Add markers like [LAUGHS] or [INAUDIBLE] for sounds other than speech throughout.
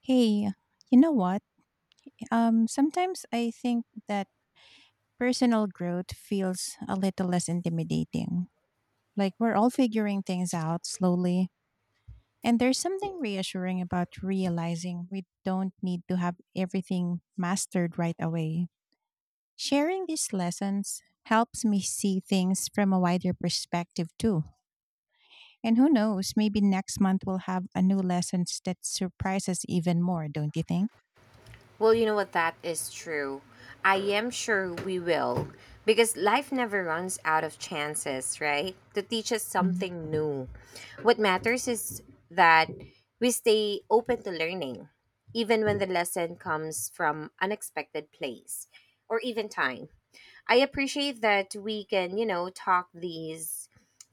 Hey, you know what? Sometimes I think that personal growth feels a little less intimidating. Like we're all figuring things out slowly. And there's something reassuring about realizing we don't need to have everything mastered right away. Sharing these lessons helps me see things from a wider perspective too. And who knows, maybe next month we'll have a new lessons that surprise us even more, don't you think? Well, you know what? That is true. I am sure we will. Because life never runs out of chances, right? To teach us Mm. something new. What matters is that we stay open to learning, even when the lesson comes from unexpected place or even time. I appreciate that we can, you know, talk these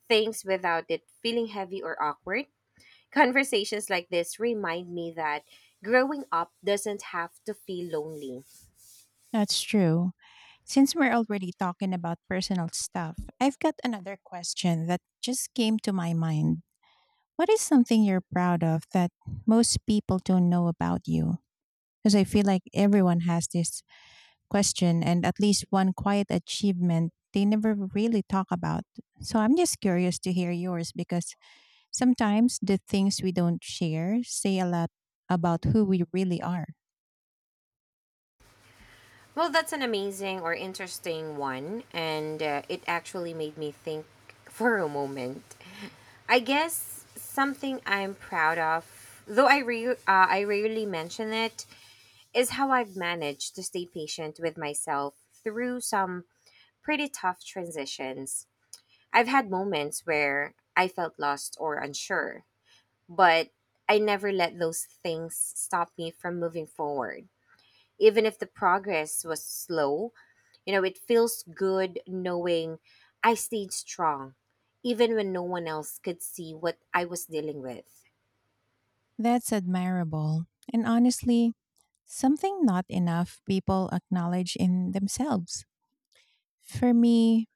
things without it feeling heavy or awkward. Conversations like this remind me that growing up doesn't have to feel lonely. That's true. Since we're already talking about personal stuff, I've got another question that just came to my mind. What is something you're proud of that most people don't know about you? Because I feel like everyone has this question and at least one quiet achievement they never really talk about. So I'm just curious to hear yours because sometimes the things we don't share say a lot about who we really are. Well, that's an amazing or interesting one, and it actually made me think for a moment. I guess something I'm proud of, though I rarely mention it, is how I've managed to stay patient with myself through some pretty tough transitions. I've had moments where I felt lost or unsure, but I never let those things stop me from moving forward. Even if the progress was slow, you know, it feels good knowing I stayed strong, even when no one else could see what I was dealing with. That's admirable. And honestly, something not enough people acknowledge in themselves. For me,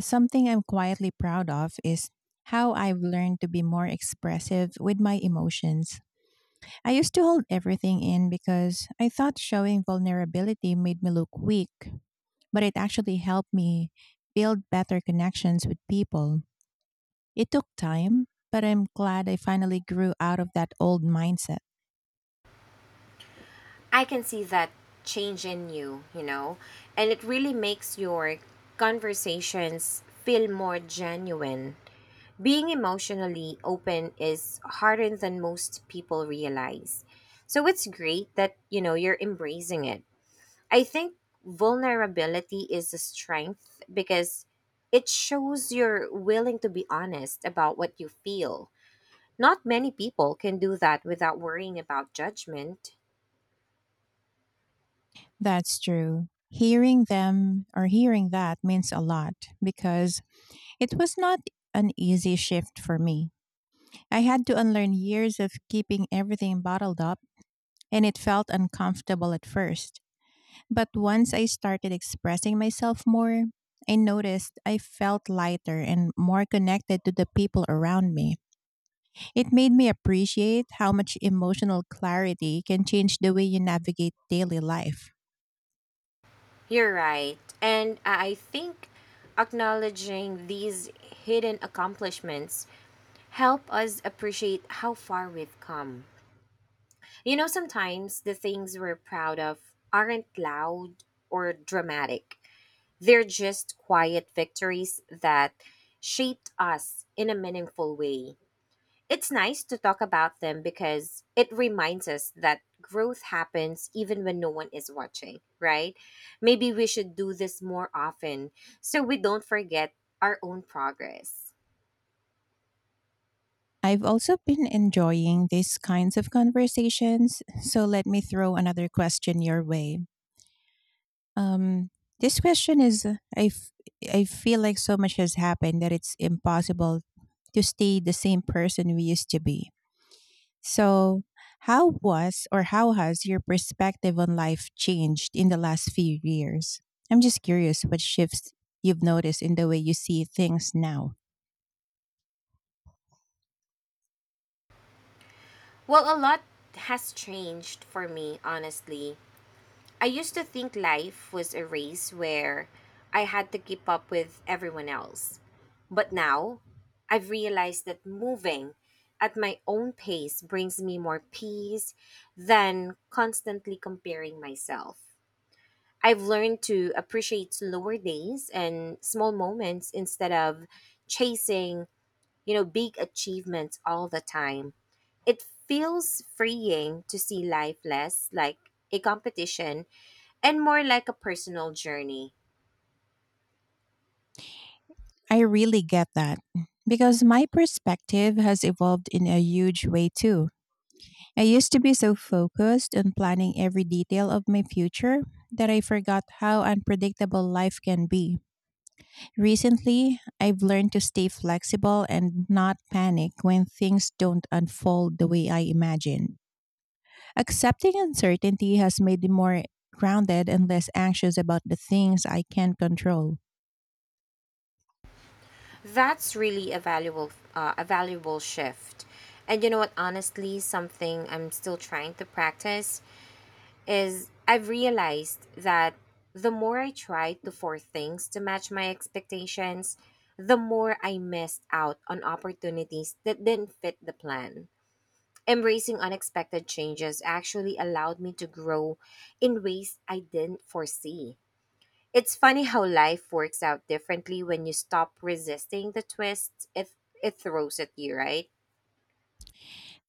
something I'm quietly proud of is how I've learned to be more expressive with my emotions. I used to hold everything in because I thought showing vulnerability made me look weak, but it actually helped me build better connections with people. It took time, but I'm glad I finally grew out of that old mindset. I can see that change in you, you know, and it really makes your conversations feel more genuine. Being emotionally open is harder than most people realize. So it's great that, you know, you're embracing it. I think vulnerability is a strength because it shows you're willing to be honest about what you feel. Not many people can do that without worrying about judgment. That's true. Hearing them or hearing that means a lot because it was not an easy shift for me. I had to unlearn years of keeping everything bottled up, and it felt uncomfortable at first. But once I started expressing myself more, I noticed I felt lighter and more connected to the people around me. It made me appreciate how much emotional clarity can change the way you navigate daily life. You're right. And I think acknowledging these hidden accomplishments help us appreciate how far we've come. You know, sometimes the things we're proud of aren't loud or dramatic. They're just quiet victories that shaped us in a meaningful way. It's nice to talk about them because it reminds us that growth happens even when no one is watching, right? Maybe we should do this more often so we don't forget our own progress. I've also been enjoying these kinds of conversations, so let me throw another question your way. Um, this question is I feel like so much has happened that it's impossible to stay the same person we used to be. So, how was or how has your perspective on life changed in the last few years? I'm just curious what shifts you've noticed in the way you see things now. Well, a lot has changed for me, honestly. I used to think life was a race where I had to keep up with everyone else. But now, I've realized that moving at my own pace brings me more peace than constantly comparing myself. I've learned to appreciate slower days and small moments instead of chasing, you know, big achievements all the time. It feels freeing to see life less like a competition and more like a personal journey. I really get that because my perspective has evolved in a huge way too. I used to be so focused on planning every detail of my future that I forgot how unpredictable life can be. Recently, I've learned to stay flexible and not panic when things don't unfold the way I imagined. Accepting uncertainty has made me more grounded and less anxious about the things I can't control. That's really a valuable shift. And you know what? Honestly, something I'm still trying to practice is I've realized that the more I try to force things to match my expectations, the more I missed out on opportunities that didn't fit the plan. Embracing unexpected changes actually allowed me to grow in ways I didn't foresee. It's funny how life works out differently when you stop resisting the twists it throws at you, right?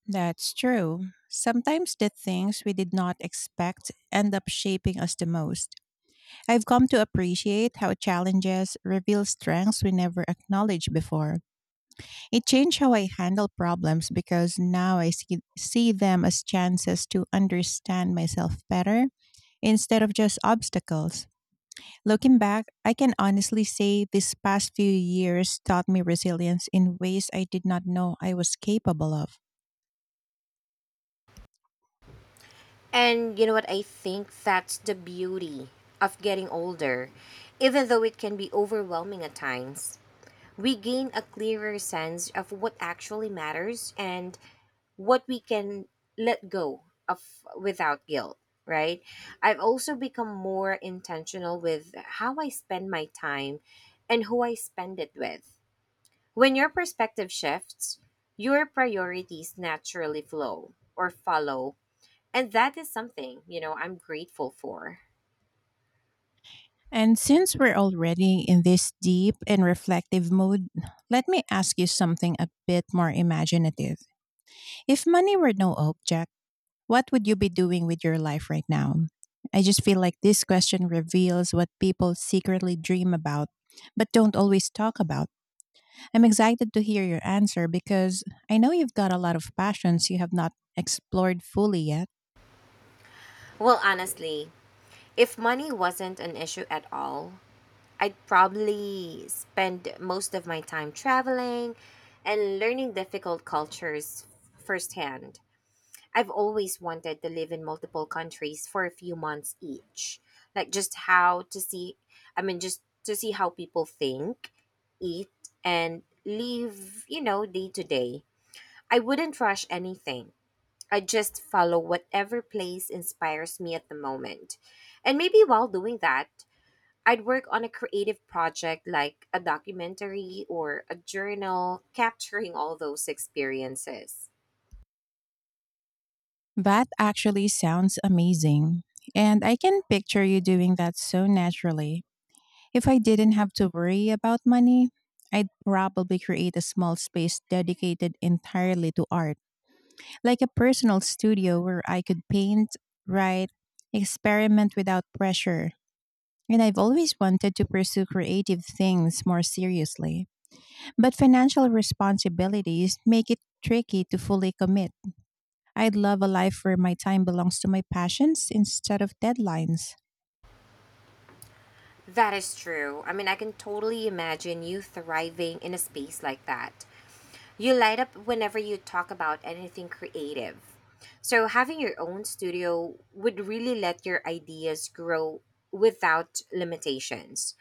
That's true. Sometimes the things we did not expect end up shaping us the most. I've come to appreciate how challenges reveal strengths we never acknowledged before. It changed how I handle problems because now I see them as chances to understand myself better instead of just obstacles. Looking back, I can honestly say these past few years taught me resilience in ways I did not know I was capable of. And you know what? I think that's the beauty of getting older, even though it can be overwhelming at times. We gain a clearer sense of what actually matters and what we can let go of without guilt, right? I've also become more intentional with how I spend my time and who I spend it with. When your perspective shifts, your priorities naturally flow or follow. And that is something, you know, I'm grateful for. And since we're already in this deep and reflective mood, let me ask you something a bit more imaginative. If money were no object, what would you be doing with your life right now? I just feel like this question reveals what people secretly dream about, but don't always talk about. I'm excited to hear your answer because I know you've got a lot of passions you have not explored fully yet. Well, honestly, if money wasn't an issue at all, I'd probably spend most of my time traveling and learning difficult cultures firsthand. I've always wanted to live in multiple countries for a few months each. Like just how to see I mean just to see how people think, eat and live, you know, day to day. I wouldn't rush anything. I just follow whatever place inspires me at the moment. And maybe while doing that, I'd work on a creative project like a documentary or a journal, capturing all those experiences. That actually sounds amazing. And I can picture you doing that so naturally. If I didn't have to worry about money, I'd probably create a small space dedicated entirely to art like a personal studio where I could paint, write, experiment without pressure. And I've always wanted to pursue creative things more seriously. But financial responsibilities make it tricky to fully commit. I'd love a life where my time belongs to my passions instead of deadlines. That is true. I mean, I can totally imagine you thriving in a space like that. You light up whenever you talk about anything creative. So, having your own studio would really let your ideas grow without limitations.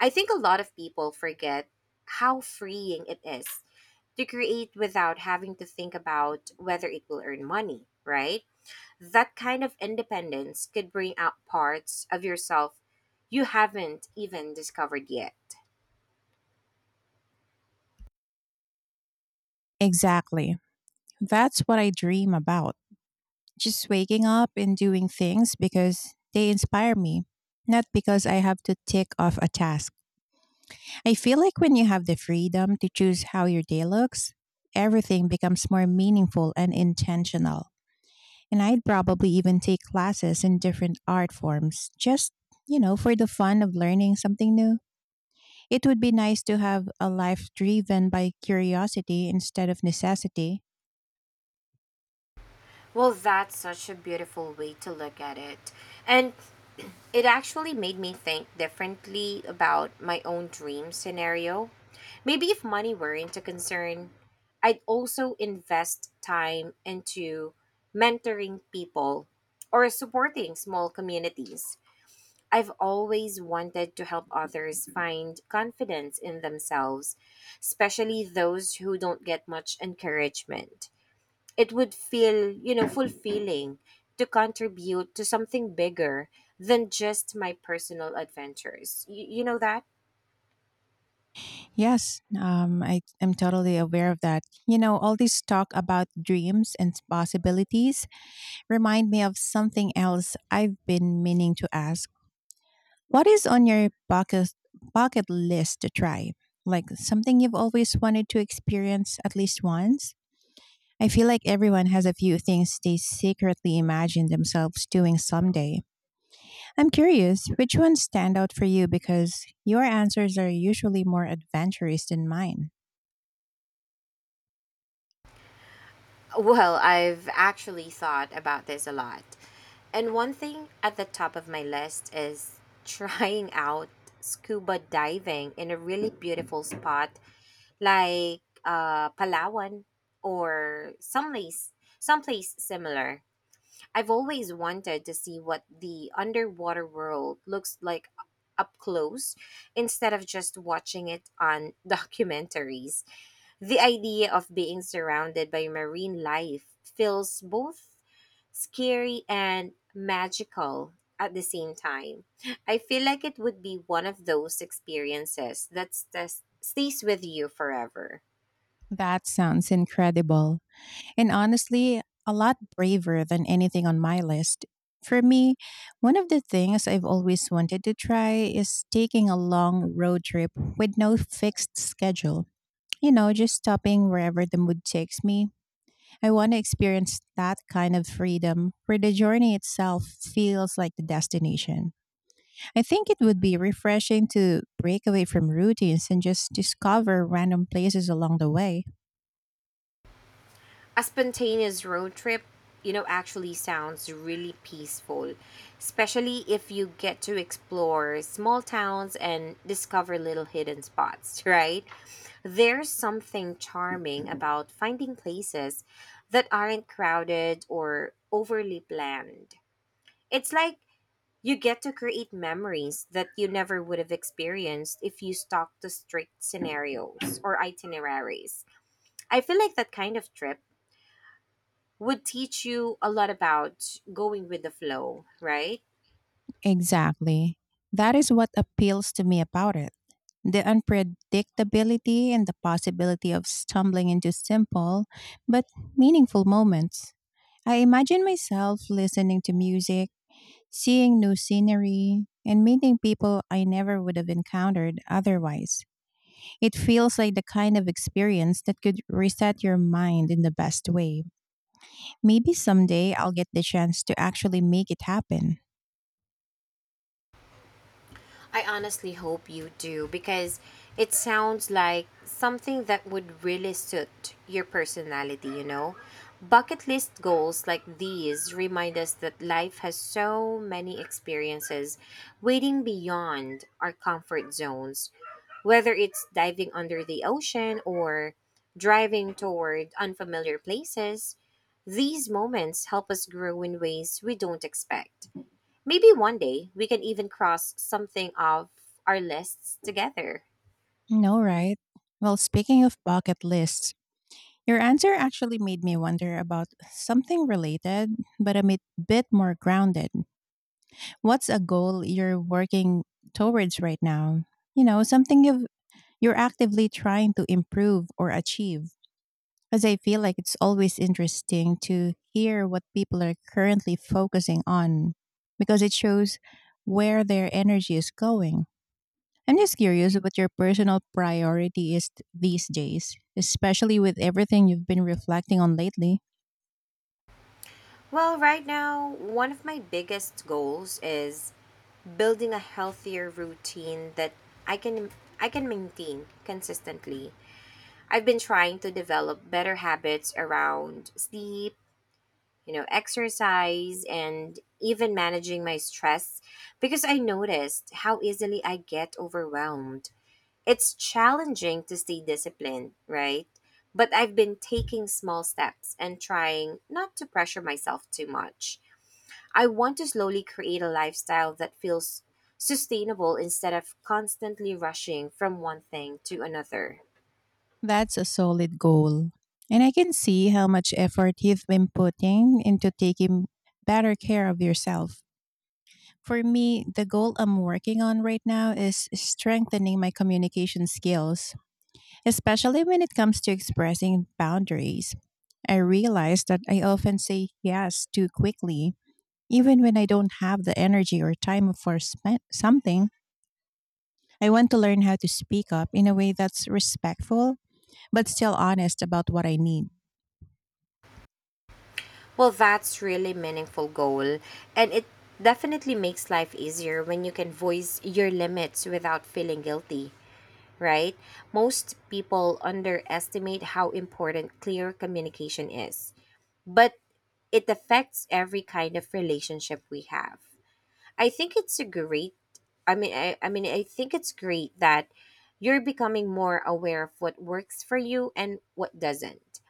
I think a lot of people forget how freeing it is to create without having to think about whether it will earn money, right? That kind of independence could bring out parts of yourself you haven't even discovered yet. Exactly. That's what I dream about. Just waking up and doing things because they inspire me, not because I have to tick off a task. I feel like when you have the freedom to choose how your day looks, everything becomes more meaningful and intentional. And I'd probably even take classes in different art forms just, you know, for the fun of learning something new. It would be nice to have a life driven by curiosity instead of necessity. Well, that's such a beautiful way to look at it. And it actually made me think differently about my own dream scenario. Maybe if money weren't a concern, I'd also invest time into mentoring people or supporting small communities. I've always wanted to help others find confidence in themselves, especially those who don't get much encouragement. It would feel, you know, fulfilling to contribute to something bigger than just my personal adventures. You know that? Yes, I am totally aware of that. You know, all this talk about dreams and possibilities remind me of something else I've been meaning to ask. What is on your bucket list to try? Like something you've always wanted to experience at least once? I feel like everyone has a few things they secretly imagine themselves doing someday. I'm curious, which ones stand out for you because your answers are usually more adventurous than mine. Well, I've actually thought about this a lot. And one thing at the top of my list is trying out scuba diving in a really beautiful spot like Palawan or someplace similar. I've always wanted to see what the underwater world looks like up close instead of just watching it on [LAUGHS] documentaries. The idea of being surrounded by marine life feels both scary and magical at the same time. I feel like it would be one of those experiences that stays with you forever. That sounds incredible. And honestly, a lot braver than anything on my list. For me, one of the things I've always wanted to try is taking a long road trip with no fixed schedule. You know, just stopping wherever the mood takes me. I want to experience that kind of freedom where the journey itself feels like the destination. I think it would be refreshing to break away from routines and just discover random places along the way. A spontaneous road trip, you know, actually sounds really peaceful, especially if you get to explore small towns and discover little hidden spots, [LAUGHS] right? There's something charming about finding places that aren't crowded or overly planned. It's like you get to create memories that you never would have experienced if you stuck to strict scenarios or itineraries. I feel like that kind of trip would teach you a lot about going with the flow, right? Exactly. That is what appeals to me about it. The unpredictability and the possibility of stumbling into simple but meaningful moments. I imagine myself listening to music, seeing new scenery, and meeting people I never would have encountered otherwise. It feels like the kind of experience that could reset your mind in the best way. Maybe someday I'll get the chance to actually make it happen. I honestly hope you do because it sounds like something that would really suit your personality, you know? Bucket list goals like these remind us that life has so many experiences waiting beyond our comfort zones, whether it's diving under the ocean or driving toward unfamiliar places. These moments help us grow in ways we don't expect. Maybe one day we can even cross something off our lists together. No, right? Well, speaking of bucket lists, your answer actually made me wonder about something related, but a bit more grounded. What's a goal you're working towards right now? You know, you're actively trying to improve or achieve. Because I feel like it's always interesting to hear what people are currently focusing on because it shows where their energy is going. I'm just curious what your personal priority is these days, especially with everything you've been reflecting on lately. Well, right now, one of my biggest goals is building a healthier routine that I can I can maintain consistently. I've been trying to develop better habits around sleep, you know, exercise and even managing my stress because I noticed how easily I get overwhelmed. It's challenging to stay disciplined, right? But I've been taking small steps and trying not to pressure myself too much. I want to slowly create a lifestyle that feels sustainable instead of constantly rushing from one thing to another. That's a solid goal. And I can see how much effort you've been putting into taking better care of yourself. For me, the goal I'm working on right now is strengthening my communication skills, especially when it comes to expressing boundaries. I realize that I often say yes too quickly even when I don't have the energy or time for something, I want to learn how to speak up in a way that's respectful but still honest about what I need. Well, that's really meaningful goal and it definitely makes life easier when you can voice your limits without feeling guilty, right? Most people underestimate how important clear communication is, but it affects every kind of relationship we have. I think it's a great I mean I think it's great that you're becoming more aware of what works for you and what doesn't.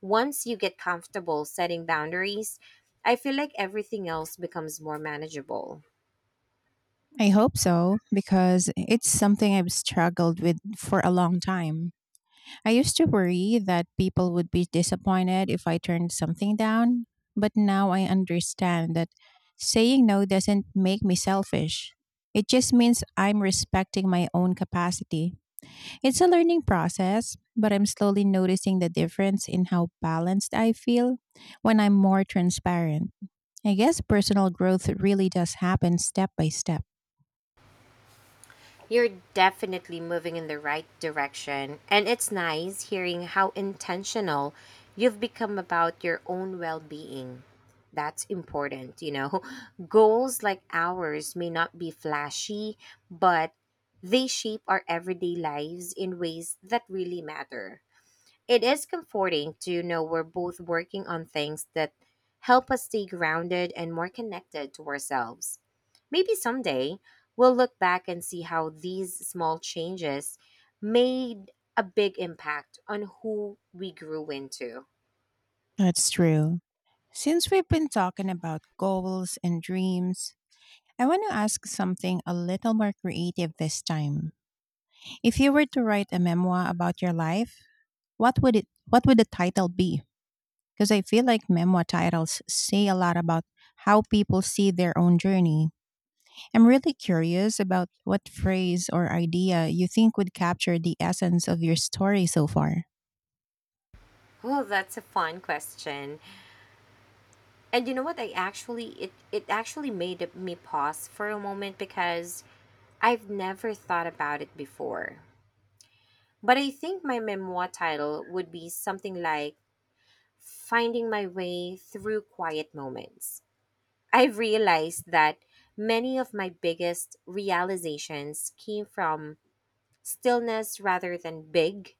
Once you get comfortable setting boundaries, I feel like everything else becomes more manageable. I hope so because it's something I've struggled with for a long time. I used to worry that people would be disappointed if I turned something down, but now I understand that saying no doesn't make me selfish. It just means I'm respecting my own capacity. It's a learning process, but I'm slowly noticing the difference in how balanced I feel when I'm more transparent. I guess personal growth really does happen step by step. You're definitely moving in the right direction, and it's nice hearing how intentional you've become about your own well being. That's important, you know. [LAUGHS] Goals like ours may not be flashy, but they shape our everyday lives in ways that really matter. It is comforting to know we're both working on things that help us stay grounded and more connected to ourselves. Maybe someday we'll look back and see how these small changes made a big impact on who we grew into. That's true. Since we've been talking about goals and dreams, I want to ask something a little more creative this time. If you were to write a memoir about your life, what would the title be? Because I feel like memoir titles say a lot about how people see their own journey. I'm really curious about what phrase or idea you think would capture the essence of your story so far. Well, that's a fun question. And you know what? I actually it It actually made me pause for a moment because I've never thought about it before. But I think my memoir title would be something like finding my way through quiet moments. I've realized that many of my biggest realizations came from stillness rather than big,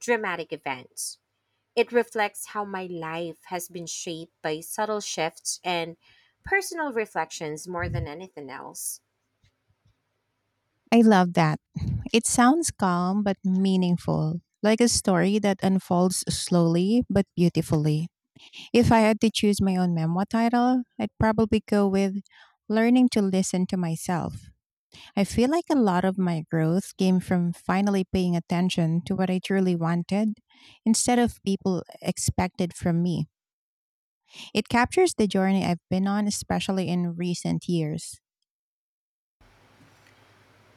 dramatic events. It reflects how my life has been shaped by subtle shifts and personal reflections more than anything else. I love that. It sounds calm but meaningful, like a story that unfolds slowly but beautifully. If I had to choose my own memoir title, I'd probably go with Learning to Listen to Myself. I feel like a lot of my growth came from finally paying attention to what I truly wanted instead of people expected from me. It captures the journey I've been on, especially in recent years.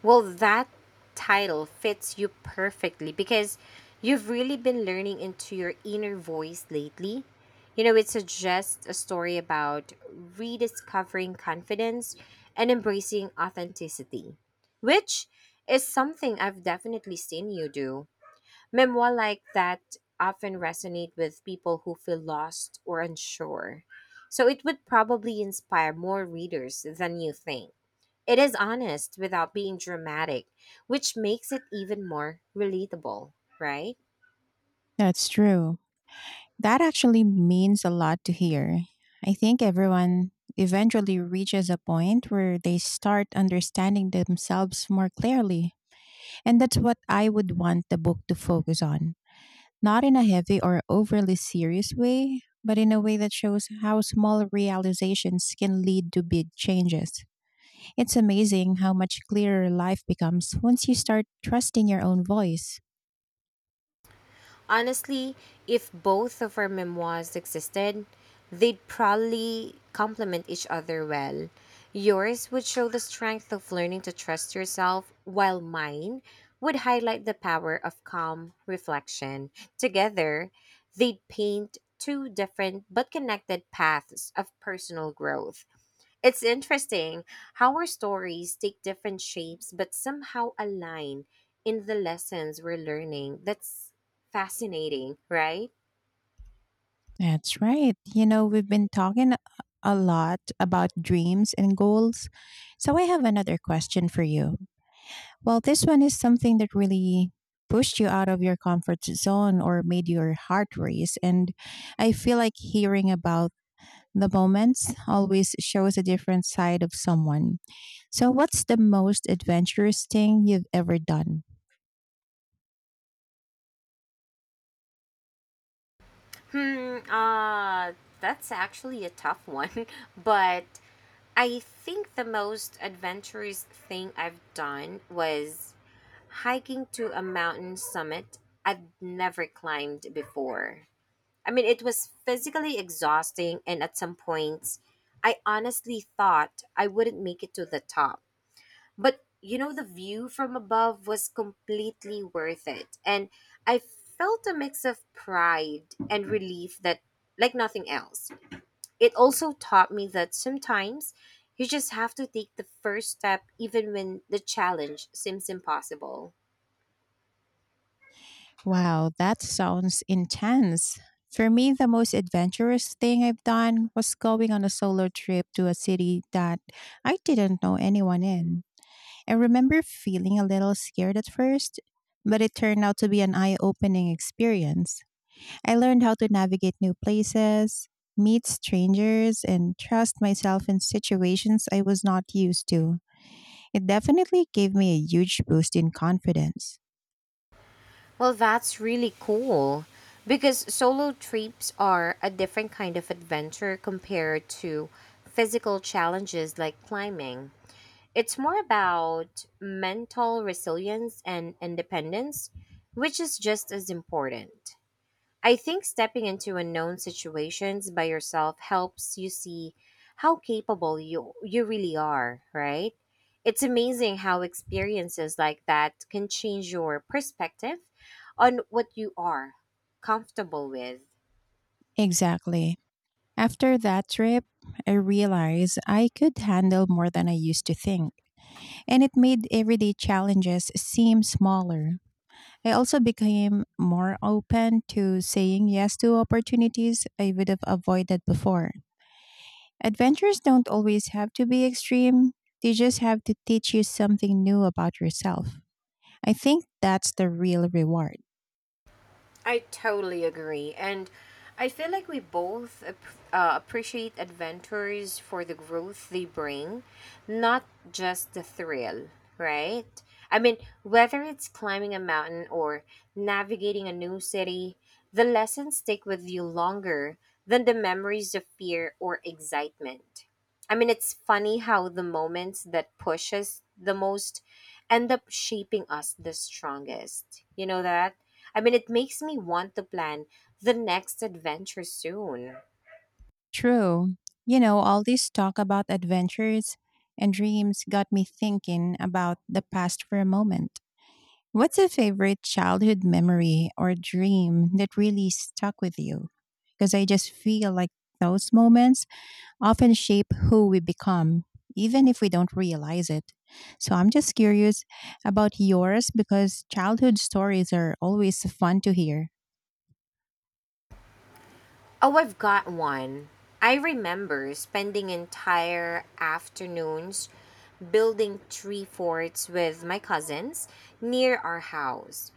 Well, that title fits you perfectly because you've really been learning into your inner voice lately. You know, it's just a story about rediscovering confidence and embracing authenticity, which is something I've definitely seen you do. Memoir like that often resonate with people who feel lost or unsure. So it would probably inspire more readers than you think. It is honest without being dramatic, which makes it even more relatable, right? That's true. That actually means a lot to hear. I think everyone eventually reaches a point where they start understanding themselves more clearly. And that's what I would want the book to focus on. Not in a heavy or overly serious way, but in a way that shows how small realizations can lead to big changes. It's amazing how much clearer life becomes once you start trusting your own voice. Honestly, if both of our memoirs existed, they'd probably complement each other well. Yours would show the strength of learning to trust yourself, while mine would highlight the power of calm reflection. Together, they'd paint two different but connected paths of personal growth. It's interesting how our stories take different shapes but somehow align in the lessons we're learning. That's fascinating, right? That's right. You know, we've been talking a lot about dreams and goals. So I have another question for you. Well, this one is something that really pushed you out of your comfort zone or made your heart race. And I feel like hearing about the moments always shows a different side of someone. So, what's the most adventurous thing you've ever done? Hmm, uh, that's actually a tough one, [LAUGHS] but I think the most adventurous thing I've done was hiking to a mountain summit I'd never climbed before. I mean, it was physically exhausting, and at some points, I honestly thought I wouldn't make it to the top. But you know, the view from above was completely worth it. And I felt a mix of pride and relief that, like nothing else, it also taught me that sometimes you just have to take the first step, even when the challenge seems impossible. Wow, that sounds intense. For me, the most adventurous thing I've done was going on a solo trip to a city that I didn't know anyone in. I remember feeling a little scared at first, but it turned out to be an eye opening experience. I learned how to navigate new places, meet strangers, and trust myself in situations I was not used to. It definitely gave me a huge boost in confidence. Well, that's really cool because solo trips are a different kind of adventure compared to physical challenges like climbing. It's more about mental resilience and independence, which is just as important. I think stepping into unknown situations by yourself helps you see how capable you really are, right? It's amazing how experiences like that can change your perspective on what you are comfortable with. Exactly. After that trip, I realized I could handle more than I used to think, and it made everyday challenges seem smaller. I also became more open to saying yes to opportunities I would have avoided before. Adventures don't always have to be extreme, they just have to teach you something new about yourself. I think that's the real reward. I totally agree. And I feel like we both appreciate adventures for the growth they bring, not just the thrill, right? I mean, whether it's climbing a mountain or navigating a new city, the lessons stick with you longer than the memories of fear or excitement. I mean, it's funny how the moments that push us the most end up shaping us the strongest. You know that? I mean, it makes me want to plan the next adventure soon. True. You know, all this talk about adventures and dreams got me thinking about the past for a moment. What's a favorite childhood memory or dream that really stuck with you? Because I just feel like those moments often shape who we become, even if we don't realize it. So I'm just curious about yours because childhood stories are always fun to hear. Oh, I've got one. I remember spending entire afternoons building tree forts with my cousins near our house.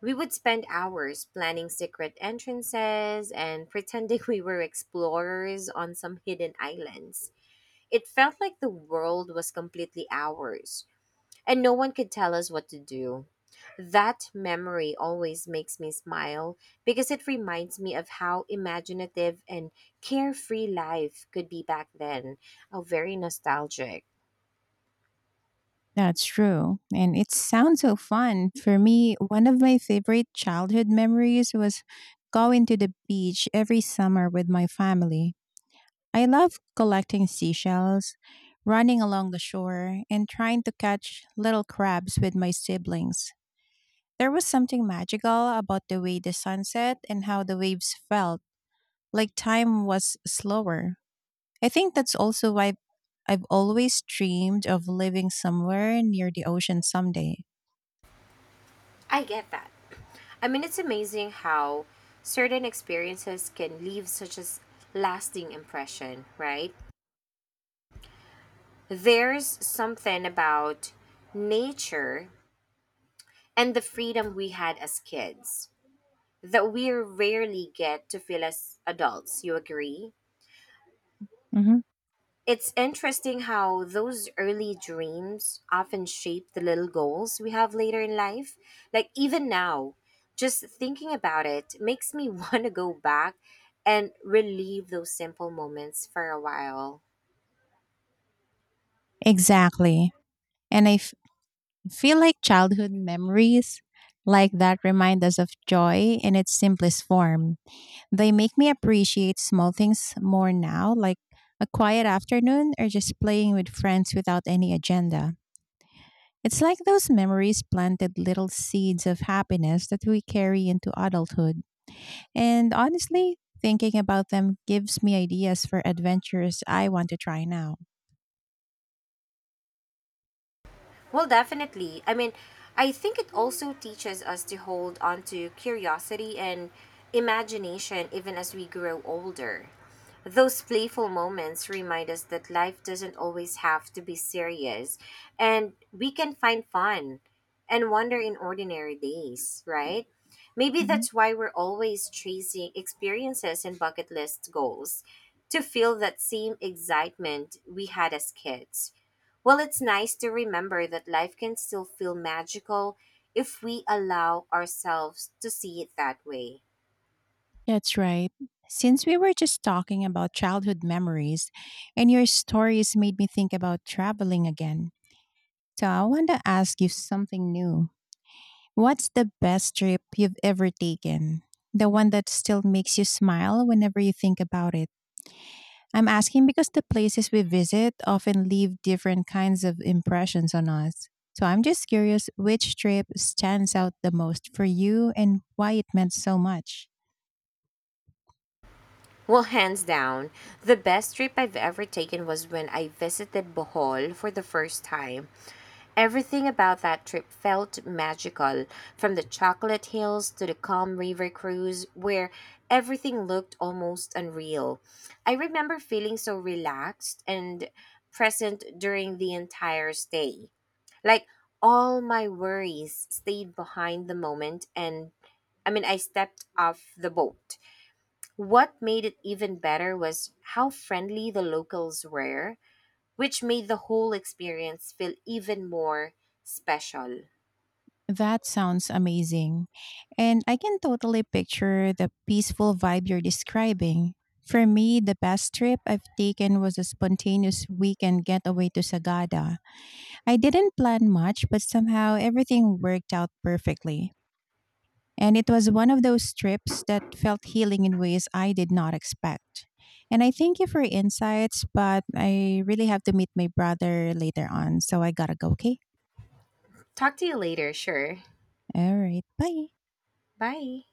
We would spend hours planning secret entrances and pretending [LAUGHS] we were explorers on some hidden islands. It felt like the world was completely ours, and no one could tell us what to do. That memory always makes me smile because it reminds me of how imaginative and carefree life could be back then. Oh, very nostalgic. That's true. And it sounds so fun. For me, one of my favorite childhood memories was going to the beach every summer with my family. I love collecting seashells, running along the shore, and trying to catch little crabs with my siblings. There was something magical about the way the sun set and how the waves felt, like time was slower. I think that's also why I've always dreamed of living somewhere near the ocean someday. I get that. I mean, it's amazing how certain experiences can leave such a lasting impression, right? There's something about nature and the freedom we had as kids that we rarely get to feel as adults. You agree? Mhm. It's interesting how those early dreams often shape the little goals we have later in life. Like, even now, just thinking about it makes me [LAUGHS] want to go back and relive those simple moments for a while. Exactly. And feel like childhood memories like that remind us of joy in its simplest form. They make me appreciate small things more now, like a quiet afternoon or just playing with friends without any agenda. It's like those memories planted little seeds of happiness that we carry into adulthood. And honestly, thinking about them gives me ideas for adventures I want to try now. Well, definitely. I mean, I think it also teaches us to hold on to curiosity and imagination even as we grow older. Those playful moments remind us that life doesn't always have to be serious, and we can find fun and wonder in ordinary days, right? Maybe that's why we're always chasing experiences and bucket list goals to feel that same excitement we had as kids. Well, it's nice to remember that life can still feel magical if we allow ourselves to see it that way. That's right. Since we were just talking about childhood memories, and your stories made me think about traveling again. So I want to ask you something new. What's the best trip you've ever taken? The one that still makes you smile whenever you think about it. I'm asking because the places we visit often leave different kinds of impressions on us. So I'm just curious which trip stands out the most for you and why it meant so much. Well, hands down, the best trip I've ever taken was when I visited Bohol for the first time. Everything about that trip felt magical, from the Chocolate Hills to the calm river cruise, where everything looked almost unreal. I remember feeling so relaxed and present during the entire stay. Like all my worries stayed behind the moment and I stepped off the boat. What made it even better was how friendly the locals were, which made the whole experience feel even more special. That sounds amazing. And I can totally picture the peaceful vibe you're describing. For me, the best trip I've taken was a spontaneous weekend getaway to Sagada. I didn't plan much, but somehow everything worked out perfectly. And it was one of those trips that felt healing in ways I did not expect. And I thank you for your insights, but I really have to meet my brother later on, so I gotta go, okay? Talk to you later, sure. All right, bye. Bye.